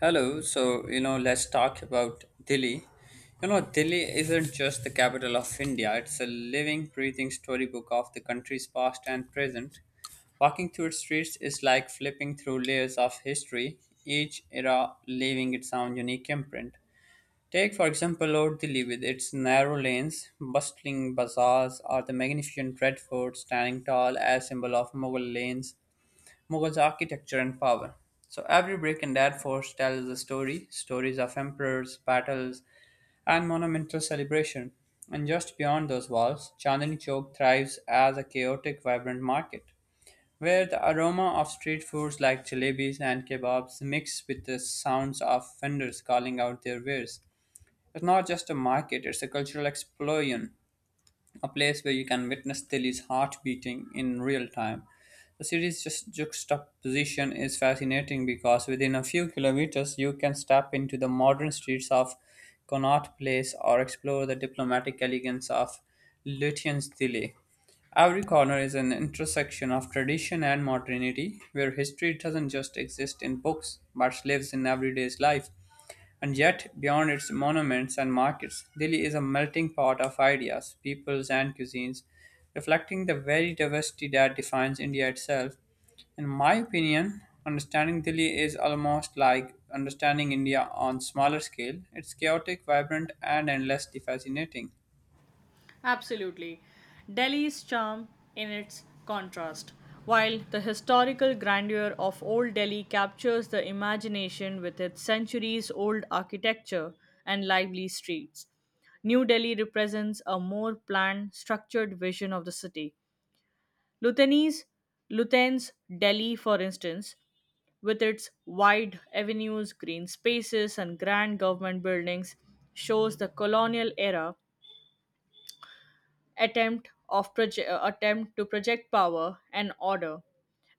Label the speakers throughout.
Speaker 1: Hello, let's talk about Delhi. Delhi isn't just the capital of India, it's a living, breathing storybook of the country's past and present. Walking through its streets is like flipping through layers of history, each era leaving its own unique imprint. Take, for example, Old Delhi with its narrow lanes, bustling bazaars, or the magnificent red fort standing tall as symbol of Mughal lanes Mughals architecture and power. So every brick in that force tells a story, stories of emperors, battles, and monumental celebration. And just beyond those walls, Chandni Chowk thrives as a chaotic, vibrant market, where the aroma of street foods like jalebis and kebabs mix with the sounds of vendors calling out their wares. It's not just a market, it's a cultural explosion, a place where you can witness Tilly's heart beating in real time. The city's just juxtaposition is fascinating because within a few kilometers you can step into the modern streets of Connaught Place or explore the diplomatic elegance of Lutyens Tilly. Every corner is an intersection of tradition and modernity, where history doesn't just exist in books but lives in everyday life. And yet, beyond its monuments and markets, Delhi is a melting pot of ideas, peoples, and cuisines, reflecting the very diversity that defines India itself. In my opinion, understanding Delhi is almost like understanding India on smaller scale. It's chaotic, vibrant, and endlessly fascinating.
Speaker 2: Absolutely. Delhi's charm in its contrast. While the historical grandeur of Old Delhi captures the imagination with its centuries old architecture and lively streets, New Delhi represents a more planned, structured vision of the city. Lutenese, Luten's Delhi, for instance, with its wide avenues, green spaces, and grand government buildings, shows the colonial era attempt to project power and order.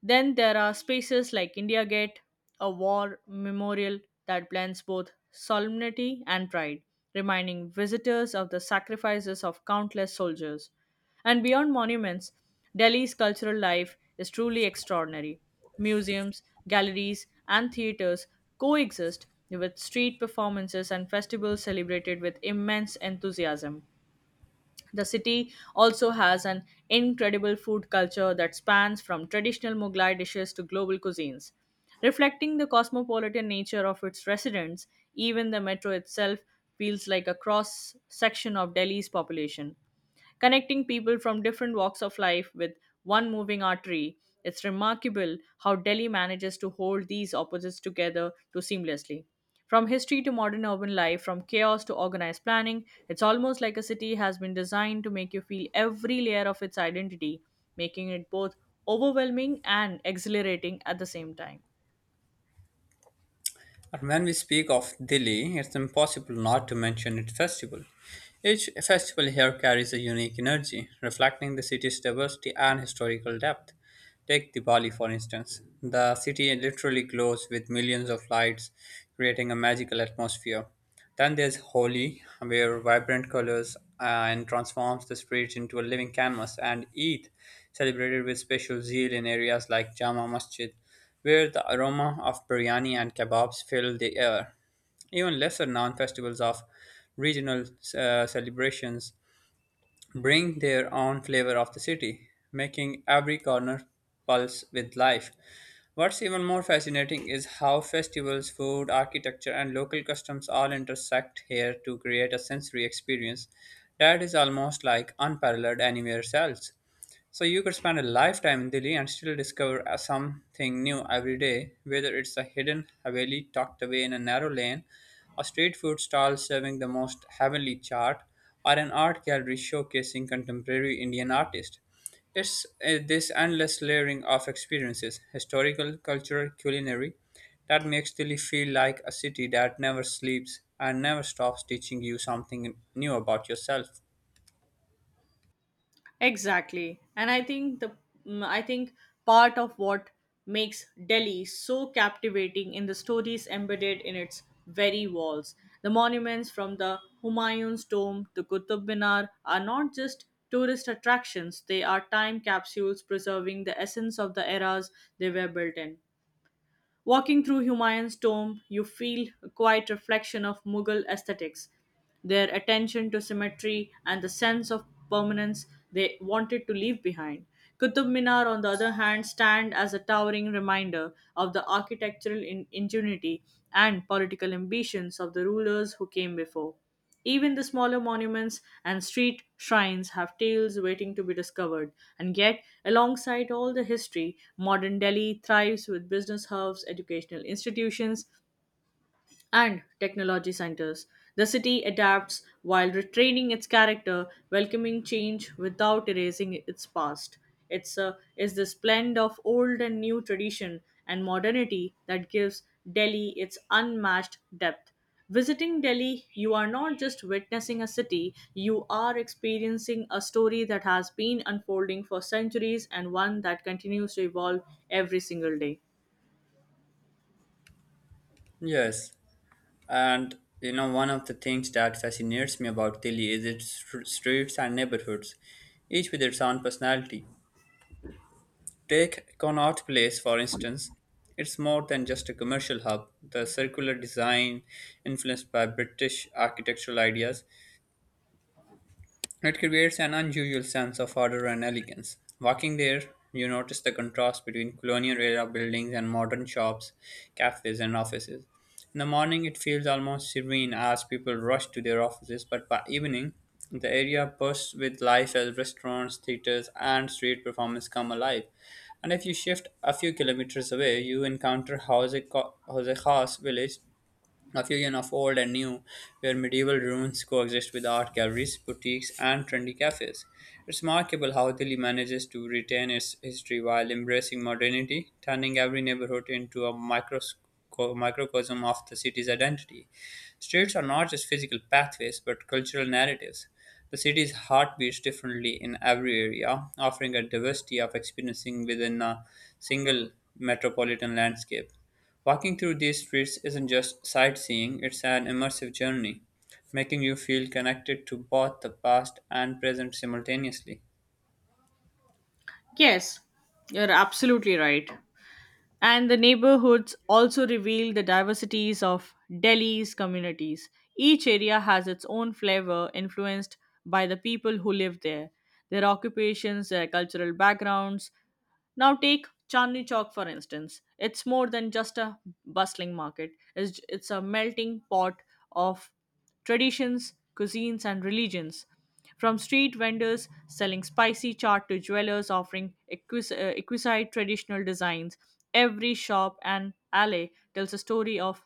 Speaker 2: Then there are spaces like India Gate, a war memorial that blends both solemnity and pride, reminding visitors of the sacrifices of countless soldiers. And beyond monuments, Delhi's cultural life is truly extraordinary. Museums, galleries, and theaters coexist with street performances and festivals celebrated with immense enthusiasm. The city also has an incredible food culture that spans from traditional Mughlai dishes to global cuisines. Reflecting the cosmopolitan nature of its residents, even the metro itself feels like a cross section of Delhi's population connecting people from different walks of life with one moving artery. It's remarkable how Delhi manages to hold these opposites together too seamlessly. From history to modern urban life, from chaos to organized planning, it's almost like a city has been designed to make you feel every layer of its identity, making it both overwhelming and exhilarating at the same time.
Speaker 1: But when we speak of Dili, it's impossible not to mention its festival. Each festival here carries a unique energy, reflecting the city's diversity and historical depth. Take Diwali, for instance. The city literally glows with millions of lights, creating a magical atmosphere. Then there's Holi, where vibrant colors and transforms the streets into a living canvas, and Eid, celebrated with special zeal in areas like Jama Masjid, where the aroma of biryani and kebabs fill the air. Even lesser known festivals of regional celebrations bring their own flavor of the city, making every corner pulse with life. What's even more fascinating is how festivals, food, architecture, and local customs all intersect here to create a sensory experience that is almost like unparalleled anywhere else. So you could spend a lifetime in Delhi and still discover something new every day, whether it's a hidden haveli tucked away in a narrow lane, a street food stall serving the most heavenly chaat, or an art gallery showcasing contemporary Indian artists. It's this endless layering of experiences, historical, cultural, culinary, that makes Delhi feel like a city that never sleeps and never stops teaching you something new about yourself.
Speaker 2: Exactly. And I think mm, I think part of what makes Delhi so captivating in the stories embedded in its very walls. The monuments from the Humayun's tomb to Qutub Minar are not just tourist attractions, they are time capsules preserving the essence of the eras they were built in. Walking through Humayun's tomb, you feel a quiet reflection of Mughal aesthetics, their attention to symmetry, and the sense of permanence they wanted to leave behind. Qutub Minar, on the other hand, stand as a towering reminder of the architectural ingenuity and political ambitions of the rulers who came before. Even the smaller monuments and street shrines have tales waiting to be discovered. And yet, alongside all the history, modern Delhi thrives with business hubs, educational institutions, and technology centers. The city adapts while retraining its character, welcoming change without erasing its past. It's a is this blend of old and new tradition and modernity that gives Delhi its unmatched depth. Visiting Delhi, you are not just witnessing a city, you are experiencing a story that has been unfolding for centuries and one that continues to evolve every single day.
Speaker 1: Yes. One of the things that fascinates me about Delhi is its streets and neighborhoods, each with its own personality. Take Connaught Place, for instance. It's more than just a commercial hub. The circular design, influenced by British architectural ideas, it creates an unusual sense of order and elegance. Walking there, you notice the contrast between colonial era buildings and modern shops, cafes, and offices. In the morning, it feels almost serene as people rush to their offices, but by evening, the area bursts with life as restaurants, theaters, and street performances come alive. And if you shift a few kilometers away, you encounter Jose Khas village, a fusion of old and new, where medieval ruins coexist with art galleries, boutiques, and trendy cafes. It's remarkable how Delhi manages to retain its history while embracing modernity, turning every neighborhood into a microcosm of the city's identity. Streets are not just physical pathways but cultural narratives. The city's heart beats differently in every area, offering a diversity of experiencing within a single metropolitan landscape. Walking through these streets isn't just sightseeing, it's an immersive journey, making you feel connected to both the past and present simultaneously.
Speaker 2: Yes, you're absolutely right. And the neighborhoods also reveal the diversities of Delhi's communities. Each area has its own flavor influenced by the people who live there, their occupations, their cultural backgrounds. Now, take Chandni Chowk for instance. It's more than just a bustling market, it's a melting pot of traditions, cuisines, and religions. From street vendors selling spicy chaat to jewelers offering exquisite traditional designs, every shop and alley tells a story of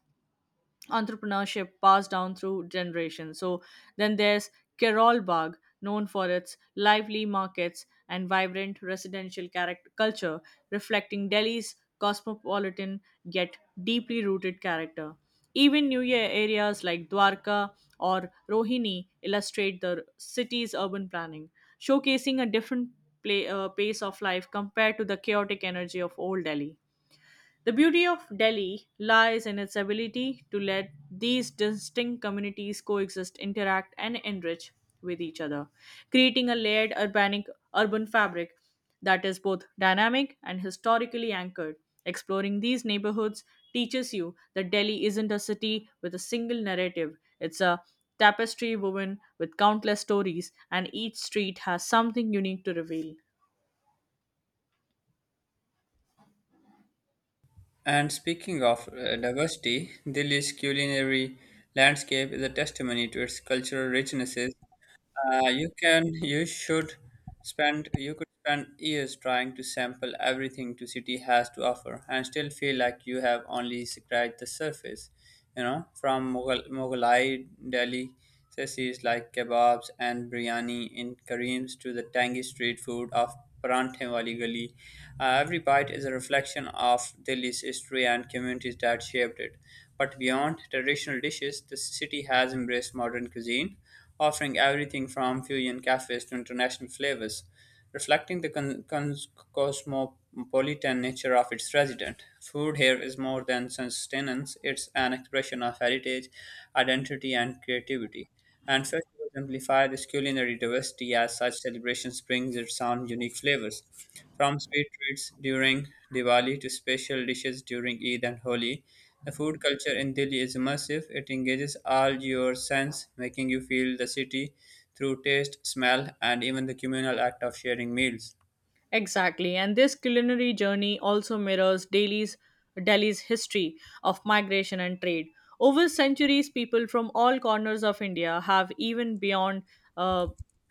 Speaker 2: entrepreneurship passed down through generations. So then there's Keralbagh, known for its lively markets and vibrant residential character culture, reflecting Delhi's cosmopolitan yet deeply rooted character. Even New Year areas like Dwarka or Rohini illustrate the city's urban planning, showcasing a different pace of life compared to the chaotic energy of old Delhi. The beauty of Delhi lies in its ability to let these distinct communities coexist, interact, and enrich with each other, creating a layered urban fabric that is both dynamic and historically anchored. Exploring these neighborhoods teaches you that Delhi isn't a city with a single narrative, it's a tapestry woven with countless stories, and each street has something unique to reveal.
Speaker 1: And speaking of diversity, Delhi's culinary landscape is a testimony to its cultural richnesses. You can, you should spend, you could spend years trying to sample everything the city has to offer and still feel like you have only scratched the surface. You know, from Mughalai Delhi says like kebabs and biryani in Kareem's to the tangy street food of Paranthe Wali Gali. Every bite is a reflection of Delhi's history and communities that shaped it. But beyond traditional dishes, the city has embraced modern cuisine offering everything from fusion cafes to international flavors, reflecting the cosmopolitan nature of its resident. Food here is more than sustenance, it's an expression of heritage, identity, and creativity. And festivals amplify this culinary diversity as such celebrations brings its own unique flavors. From sweet treats during Diwali to special dishes during Eid and Holi, the food culture in Delhi is immersive. It engages all your sense, making you feel the city through taste, smell, and even the communal act of sharing meals.
Speaker 2: Exactly, and this culinary journey also mirrors Delhi's history of migration and trade. Over centuries, people from all corners of India have even beyond uh,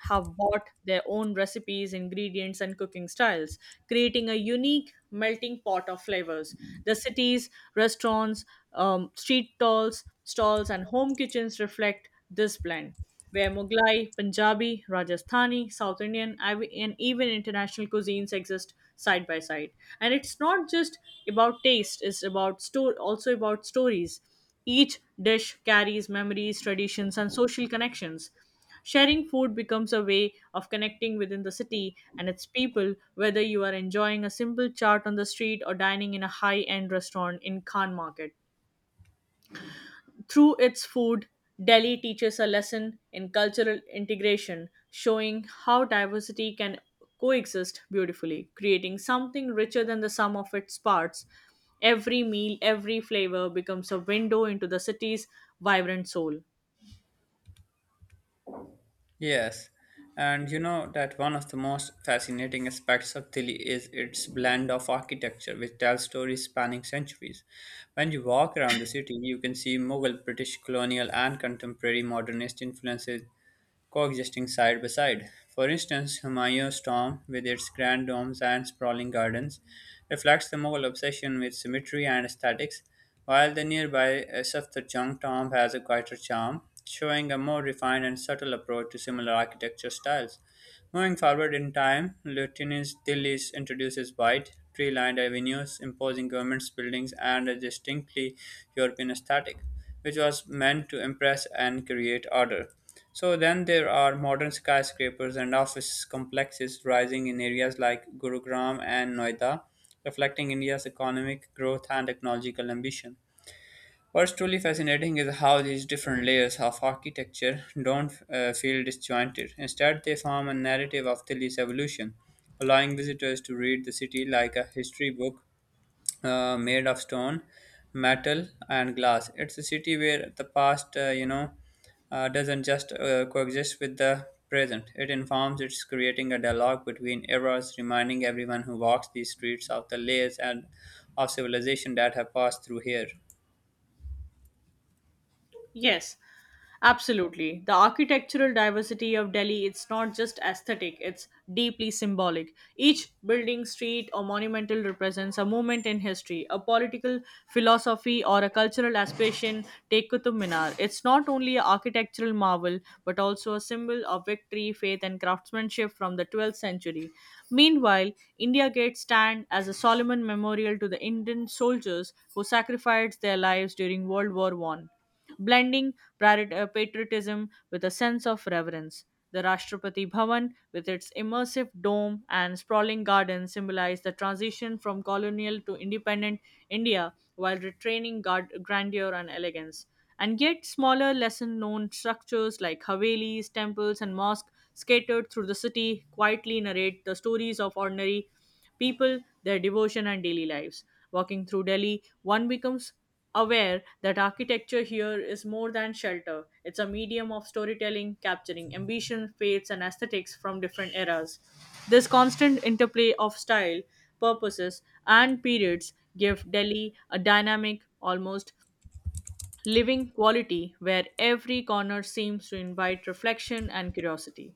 Speaker 2: have bought their own recipes, ingredients, and cooking styles creating a unique melting pot of flavors. The cities, restaurants, street stalls, and home kitchens reflect this blend, where Mughlai, Punjabi, Rajasthani, South Indian, and even international cuisines exist side by side. And it's not just about taste; it's also about stories. Each dish carries memories, traditions, and social connections. Sharing food becomes a way of connecting within the city and its people, whether you are enjoying a simple chart on the street or dining in a high end restaurant in Khan Market. Through its food, Delhi teaches a lesson in cultural integration, showing how diversity can coexist beautifully, creating something richer than the sum of its parts. Every meal, every flavor becomes a window into the city's vibrant soul.
Speaker 1: Yes, and you know that one of the most fascinating aspects of Delhi is its blend of architecture, which tells stories spanning centuries. When you walk around the city, you can see Mughal, British colonial, and contemporary modernist influences coexisting side by side. For instance, Humayun's tomb, with its grand domes and sprawling gardens, reflects the Mughal obsession with symmetry and aesthetics, while the nearby Safdarjung tomb has a quieter charm, showing a more refined and subtle approach to similar architecture styles. Moving forward in time, Lieutenant's Delhi introduces wide, tree-lined avenues, imposing government buildings, and a distinctly European aesthetic, which was meant to impress and create order. So then there are modern skyscrapers and office complexes rising in areas like Gurugram and Noida, reflecting India's economic growth and technological ambition. What's truly fascinating is how these different layers of architecture don't feel disjointed. Instead, they form a narrative of Delhi's evolution, allowing visitors to read the city like a history book made of stone, metal, and glass. It's a city where the past doesn't just coexist with the present. It informs. It's creating a dialogue between eras, reminding everyone who walks these streets of the layers and of civilization that have passed through here.
Speaker 2: Yes, absolutely. The architectural diversity of Delhi it's not just aesthetic, it's deeply symbolic. Each building, street or monumental represents a moment in history, a political philosophy or a cultural aspiration. Take Qutub Minar. It's not only an architectural marvel but also a symbol of victory, faith and craftsmanship from the 12th century. Meanwhile, India Gate stand as a solemn memorial to the Indian soldiers who sacrificed their lives during World War 1 blending patriotism with a sense of reverence. The Rashtrapati Bhavan, with its immersive dome and sprawling garden, symbolized the transition from colonial to independent India while retaining grandeur and elegance. And yet, smaller, lesser known structures like Havelis, temples, and mosques scattered through the city quietly narrate the stories of ordinary people, their devotion, and daily lives. Walking through Delhi, one becomes aware that architecture here is more than shelter. It's a medium of storytelling, capturing ambition, faiths, and aesthetics from different eras. This constant interplay of style, purposes, and periods give Delhi a dynamic, almost living quality where every corner seems to invite reflection and curiosity.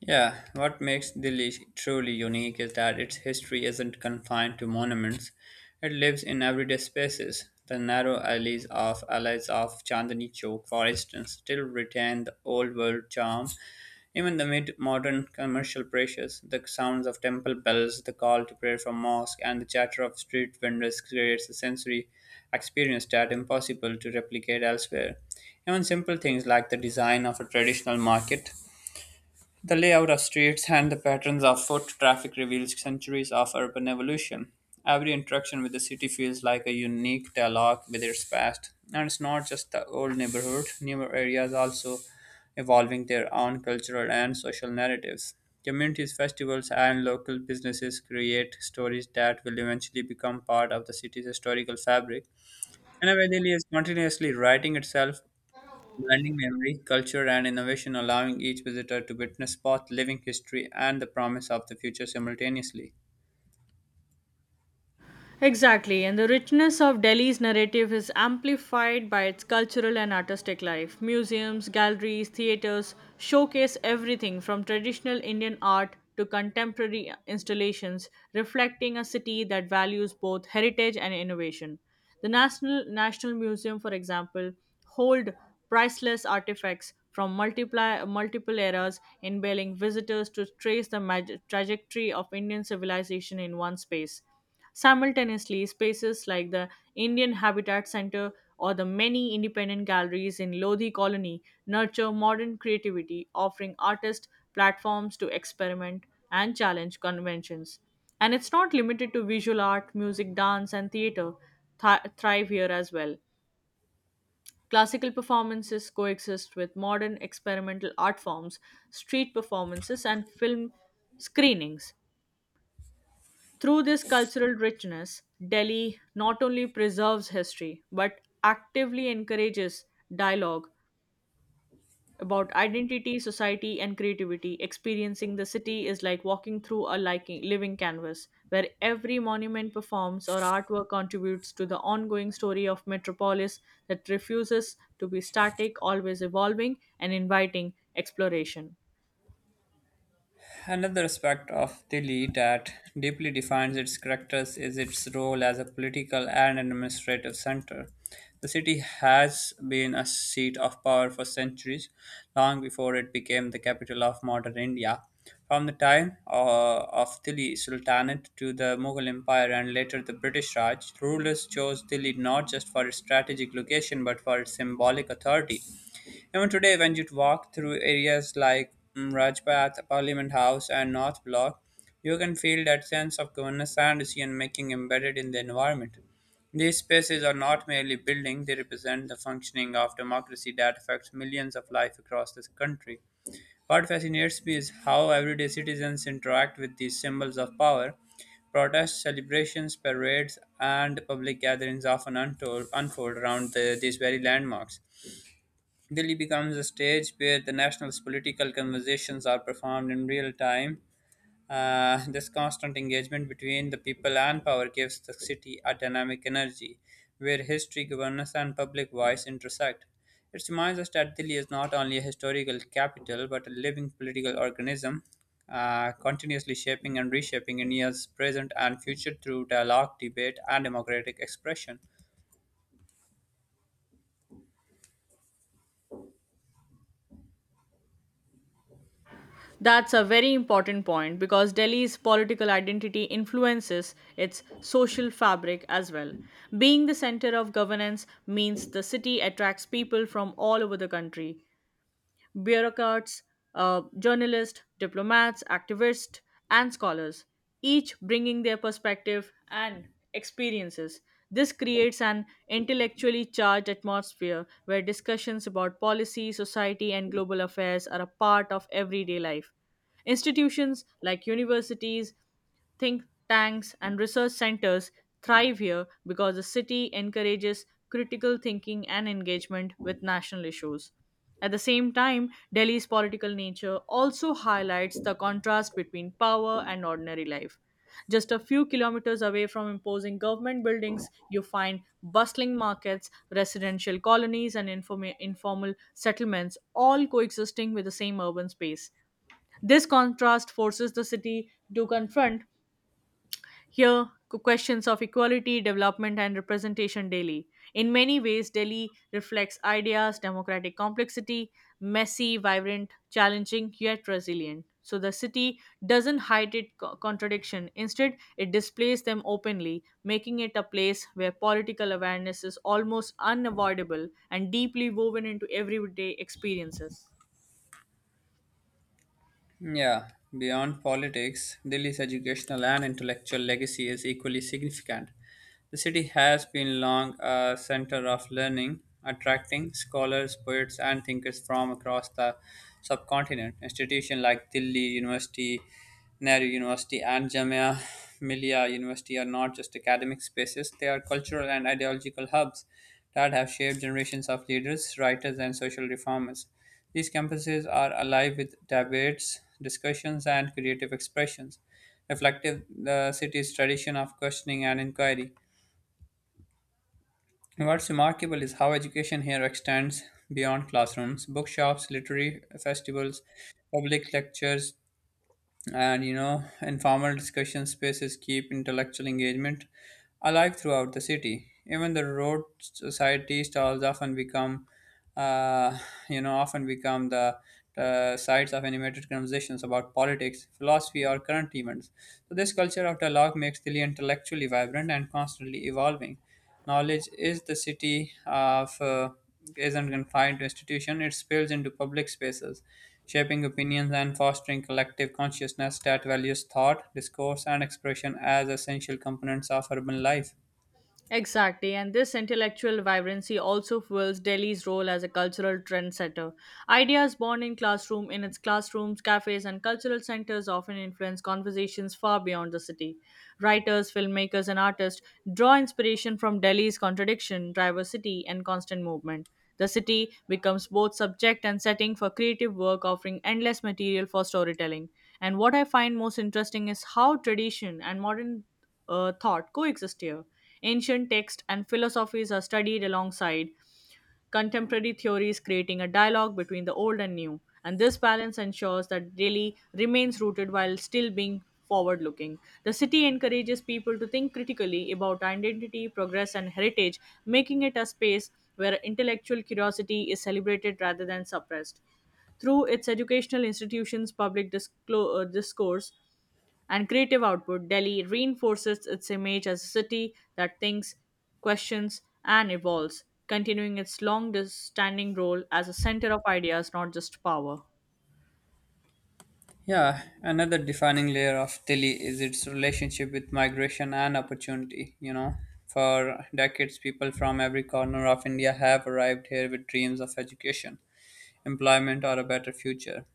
Speaker 1: Yeah, what makes Delhi truly unique is that its history isn't confined to monuments. It lives in everyday spaces. The narrow alleys of Chandni Chowk, for instance, still retain the old world charm. Even the mid modern commercial pressures, the sounds of temple bells, the call to prayer from mosque, and the chatter of street vendors creates a sensory experience that impossible to replicate elsewhere. Even simple things like the design of a traditional market, the layout of streets and the patterns of foot traffic reveals centuries of urban evolution. Every interaction with the city feels like a unique dialogue with its past. And it's not just the old neighborhood, newer areas also evolving their own cultural and social narratives. Communities, festivals, and local businesses create stories that will eventually become part of the city's historical fabric. And is continuously writing itself blending memory, culture, and innovation, allowing each visitor to witness both living history and the promise of the future simultaneously.
Speaker 2: Exactly, and the richness of Delhi's narrative is amplified by its cultural and artistic life. Museums, galleries, theatres showcase everything from traditional Indian art to contemporary installations, reflecting a city that values both heritage and innovation. The National Museum, for example, hold priceless artifacts from multiple eras, enabling visitors to trace the trajectory of Indian civilization in one space. Simultaneously, spaces like the Indian Habitat Center or the many independent galleries in Lodhi Colony nurture modern creativity, offering artists platforms to experiment and challenge conventions. And it's not limited to visual art, music, dance, and theater, thrive here as well. Classical performances coexist with modern experimental art forms, street performances, and film screenings through this cultural richness, Delhi not only preserves history but actively encourages dialogue about identity, society, and creativity. Experiencing the city is like walking through a living canvas where every monument performs or artwork contributes to the ongoing story of metropolis that refuses to be static, always evolving, and inviting exploration.
Speaker 1: Another aspect of Delhi that deeply defines its characters is its role as a political and administrative center. The city has been a seat of power for centuries, long before it became the capital of modern India. From the time of Delhi Sultanate to the Mughal Empire and later the British Raj, rulers chose Delhi not just for its strategic location but for its symbolic authority. Even today, when you walk through areas like Rajpath, Parliament House, and North Block, you can feel that sense of governance and decision making embedded in the environment. These spaces are not merely buildings, they represent the functioning of democracy that affects millions of lives across this country. What fascinates me is how everyday citizens interact with these symbols of power. Protests, celebrations, parades, and public gatherings often unfold around these very landmarks. Delhi becomes a stage where the national's political conversations are performed in real time. This constant engagement between the people and power gives the city a dynamic energy where history, governance, and public voice intersect. It reminds us that Delhi is not only a historical capital but a living political organism, continuously shaping and reshaping India's present and future through dialogue, debate, and democratic expression.
Speaker 2: That's a very important point because Delhi's political identity influences its social fabric as well. Being the center of governance means the city attracts people from all over the country bureaucrats, journalists, diplomats, activists, and scholars, each bringing their perspective and experiences. This creates an intellectually charged atmosphere where discussions about policy, society, and global affairs are a part of everyday life. Institutions like universities, think tanks, and research centers thrive here because the city encourages critical thinking and engagement with national issues. At the same time, Delhi's political nature also highlights the contrast between power and ordinary life. Just a few kilometers away from imposing government buildings, you find bustling markets, residential colonies, and informal settlements all coexisting with the same urban space. This contrast forces the city to confront here questions of equality, development, and representation daily. In many ways, Delhi reflects ideas, democratic complexity, messy, vibrant, challenging, yet resilient. So the city doesn't hide its contradiction. Instead, it displays them openly, making it a place where political awareness is almost unavoidable and deeply woven into everyday experiences.
Speaker 1: Yeah, beyond politics, Delhi's educational and intellectual legacy is equally significant. The city has been long a center of learning, attracting scholars, poets, and thinkers from across the subcontinent. Institutions like Delhi University, Nehru University, and Jamia Millia University are not just academic spaces, they are cultural and ideological hubs that have shaped generations of leaders, writers, and social reformers. These campuses are alive with debates, discussions, and creative expressions, reflective the city's tradition of questioning and inquiry. What's remarkable is how education here extends beyond classrooms, bookshops, literary festivals, public lectures, and informal discussion spaces keep intellectual engagement alive throughout the city. Even the roadside tea stalls often become uh, you know often become the sites of animated conversations about politics, philosophy, or current events. So this culture of dialogue makes Delhi intellectually vibrant and constantly evolving. Knowledge is the city of isn't confined to institution; it spills into public spaces, shaping opinions and fostering collective consciousness that values thought, discourse, and expression as essential components of urban life.
Speaker 2: Exactly, and this intellectual vibrancy also fuels Delhi's role as a cultural trendsetter. Ideas born in classroom in its classrooms, cafes, and cultural centers often influence conversations far beyond the city. Writers, filmmakers, and artists draw inspiration from Delhi's contradiction, diversity, and constant movement. The city becomes both subject and setting for creative work, offering endless material for storytelling. And what I find most interesting is how tradition and modern thought coexist here. Ancient texts and philosophies are studied alongside contemporary theories, creating a dialogue between the old and new. And this balance ensures that Delhi remains rooted while still being forward looking. The city encourages people to think critically about identity, progress, and heritage, making it a space where intellectual curiosity is celebrated rather than suppressed. Through its educational institutions, public discourse and creative output, Delhi reinforces its image as a city that thinks, questions, and evolves, continuing its long standing role as a center of ideas, not just power.
Speaker 1: Yeah, another defining layer of Delhi is its relationship with migration and opportunity. For decades, people from every corner of India have arrived here with dreams of education, employment, or a better future.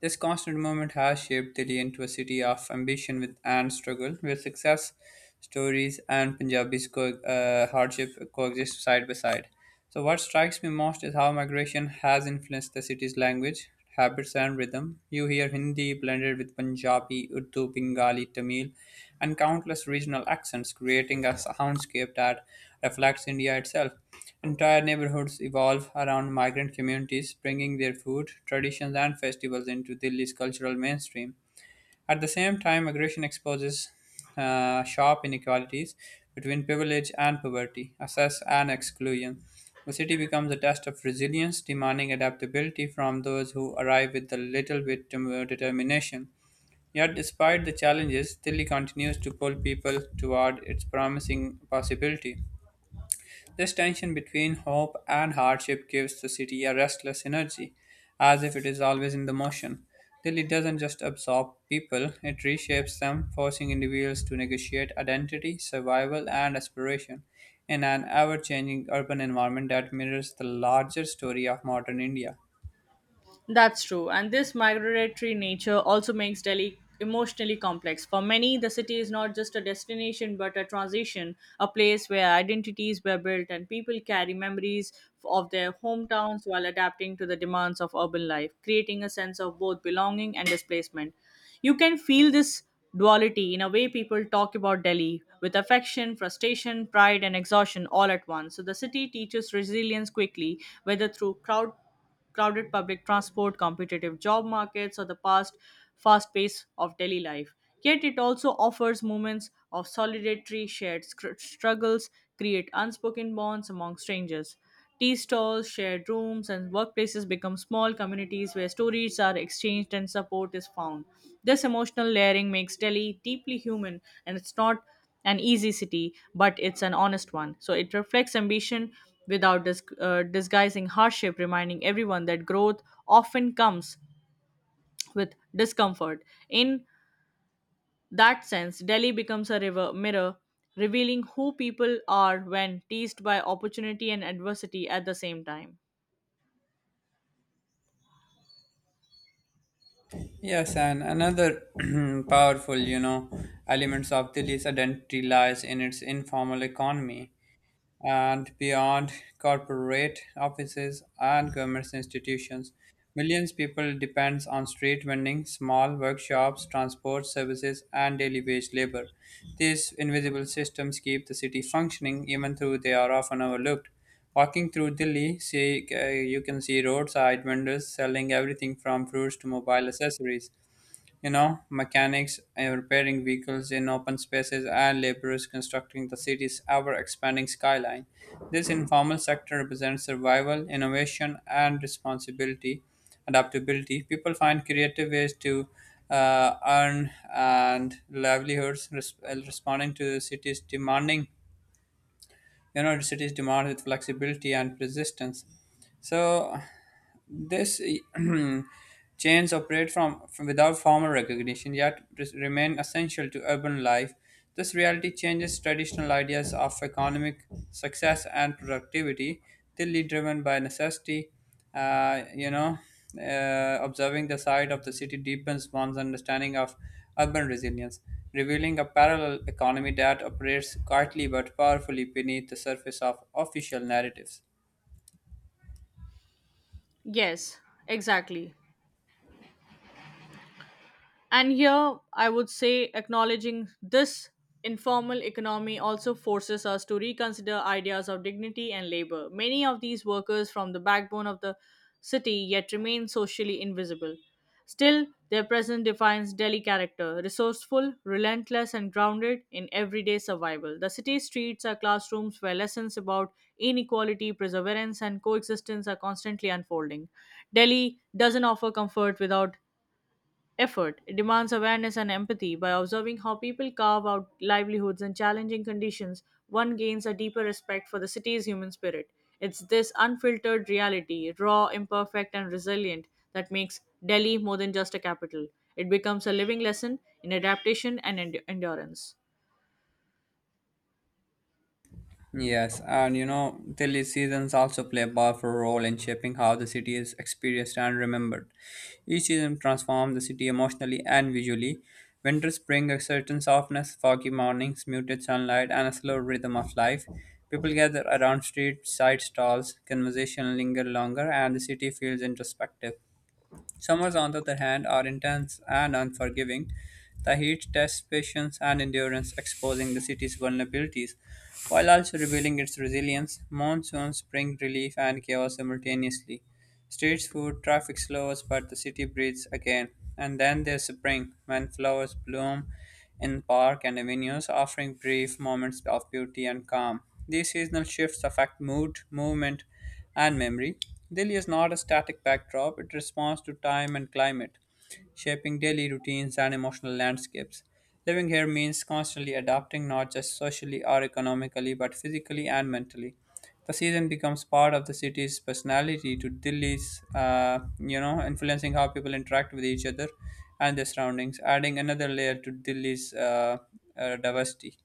Speaker 1: This constant movement has shaped Delhi into a city of ambition with, and struggle, where success stories and hardship coexist side by side. So what strikes me most is how migration has influenced the city's language, habits, and rhythm. You hear Hindi blended with Punjabi, Urdu, Bengali, Tamil, and countless regional accents, creating a soundscape that reflects India itself. Entire neighborhoods evolve around migrant communities, bringing their food, traditions, and festivals into Delhi's cultural mainstream. At the same time, migration exposes sharp inequalities between privilege and poverty, access and exclusion. The city becomes a test of resilience, demanding adaptability from those who arrive with a little bit determination. Yet, despite the challenges, Delhi continues to pull people toward its promising possibility. This tension between hope and hardship gives the city a restless energy, as if it is always in the motion. Delhi doesn't just absorb people, it reshapes them, forcing individuals to negotiate identity, survival, and aspiration in an ever changing urban environment that mirrors the larger story of modern India.
Speaker 2: That's true, and this migratory nature also makes Delhi emotionally complex. For many, the city is not just a destination but a transition, a place where identities were built and people carry memories of their hometowns while adapting to the demands of urban life, creating a sense of both belonging and displacement. You can feel this duality in a way people talk about Delhi with affection, frustration, pride, and exhaustion all at once. So the city teaches resilience quickly, whether through crowded public transport, competitive job markets, or the past fast pace of daily life. Yet it also offers moments of solidarity, shared struggles, create unspoken bonds among strangers. Tea stalls, shared rooms, and workplaces become small communities where stories are exchanged and support is found. This emotional layering makes Delhi deeply human, and it's not an easy city, but it's an honest one. So it reflects ambition without disguising hardship, reminding everyone that growth often comes with discomfort. In that sense, Delhi becomes a river mirror, revealing who people are when teased by opportunity and adversity at the same time.
Speaker 1: Yes, and another powerful, elements of Delhi's identity lies in its informal economy. And beyond corporate offices and government institutions. Millions people depends on street vending, small workshops, transport services, and daily wage labor. These invisible systems keep the city functioning even though they are often overlooked. Walking through Delhi, you can see roadside vendors selling everything from fruits to mobile accessories. You know, mechanics repairing vehicles in open spaces and laborers constructing the city's ever expanding skyline. This informal sector represents survival, innovation, and responsibility, adaptability. People find creative ways to earn and livelihoods responding to the city's demanding, you know, the city's demand with flexibility and persistence. So this chains operate from without formal recognition, yet remain essential to urban life. This reality changes traditional ideas of economic success and productivity, tilly driven by necessity. Uh, you know, observing the side of the city deepens one's understanding of urban resilience, revealing a parallel economy that operates quietly but powerfully beneath the surface of official narratives.
Speaker 2: Yes, exactly. And here I would say acknowledging this informal economy also forces us to reconsider ideas of dignity and labor. Many of these workers from the backbone of the city yet remain socially invisible. Still, their presence defines Delhi character resourceful, relentless, and grounded in everyday survival. The city streets are classrooms where lessons about inequality, perseverance, and coexistence are constantly unfolding. Delhi doesn't offer comfort without effort. Demands awareness and empathy. By observing how people carve out livelihoods in challenging conditions, one gains a deeper respect for the city's human spirit. It's this unfiltered reality, raw, imperfect, and resilient, that makes Delhi more than just a capital. It becomes a living lesson in adaptation and endurance.
Speaker 1: Yes, and you know, Delhi seasons also play a powerful role in shaping how the city is experienced and remembered. Each season transforms the city emotionally and visually. Winters bring a certain softness, foggy mornings, muted sunlight, and a slow rhythm of life. People gather around street side stalls, conversation linger longer, and the city feels introspective. Summers, on the other hand, are intense and unforgiving. The heat tests patience and endurance, exposing the city's vulnerabilities, while also revealing its resilience. Monsoons bring relief and chaos simultaneously. Street food, traffic slows, but the city breathes again. And then there's spring, when flowers bloom in parks and avenues, offering brief moments of beauty and calm. These seasonal shifts affect mood, movement, and memory. Delhi is not a static backdrop, it responds to time and climate shaping daily routines and emotional landscapes. Living here means constantly adapting not just socially or economically but physically and mentally. The season becomes part of the city's personality to influencing how people interact with each other and their surroundings, adding another layer to Delhi's diversity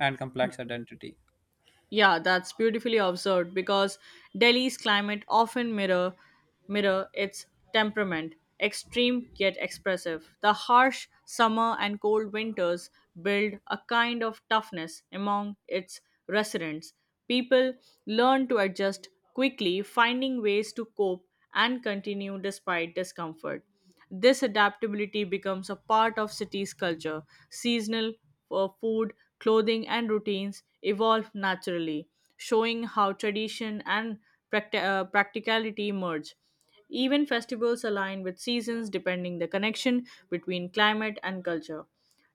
Speaker 1: and complex identity.
Speaker 2: Yeah, that's beautifully observed because Delhi's climate often mirror its temperament, extreme yet expressive. The harsh summer and cold winters build a kind of toughness among its residents. People learn to adjust quickly, finding ways to cope and continue despite discomfort. This adaptability becomes a part of city's culture. Seasonal for food, clothing, and routines evolve naturally, showing how tradition and practicality merge. Even festivals align with seasons depending the connection between climate and culture.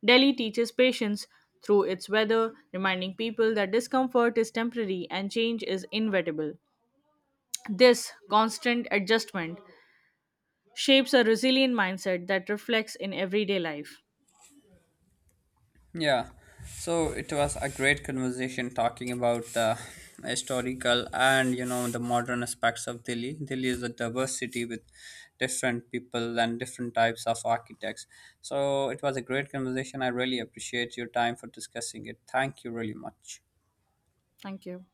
Speaker 2: Delhi teaches patience through its weather, reminding people that discomfort is temporary and change is inevitable. This constant adjustment shapes a resilient mindset that reflects in everyday life.
Speaker 1: Yeah, so it was a great conversation talking about the historical and you know the modern aspects of Delhi. Delhi is a diverse city with different people and different types of architects. So it was a great conversation. I really appreciate your time for discussing it. Thank you really much.
Speaker 2: Thank you.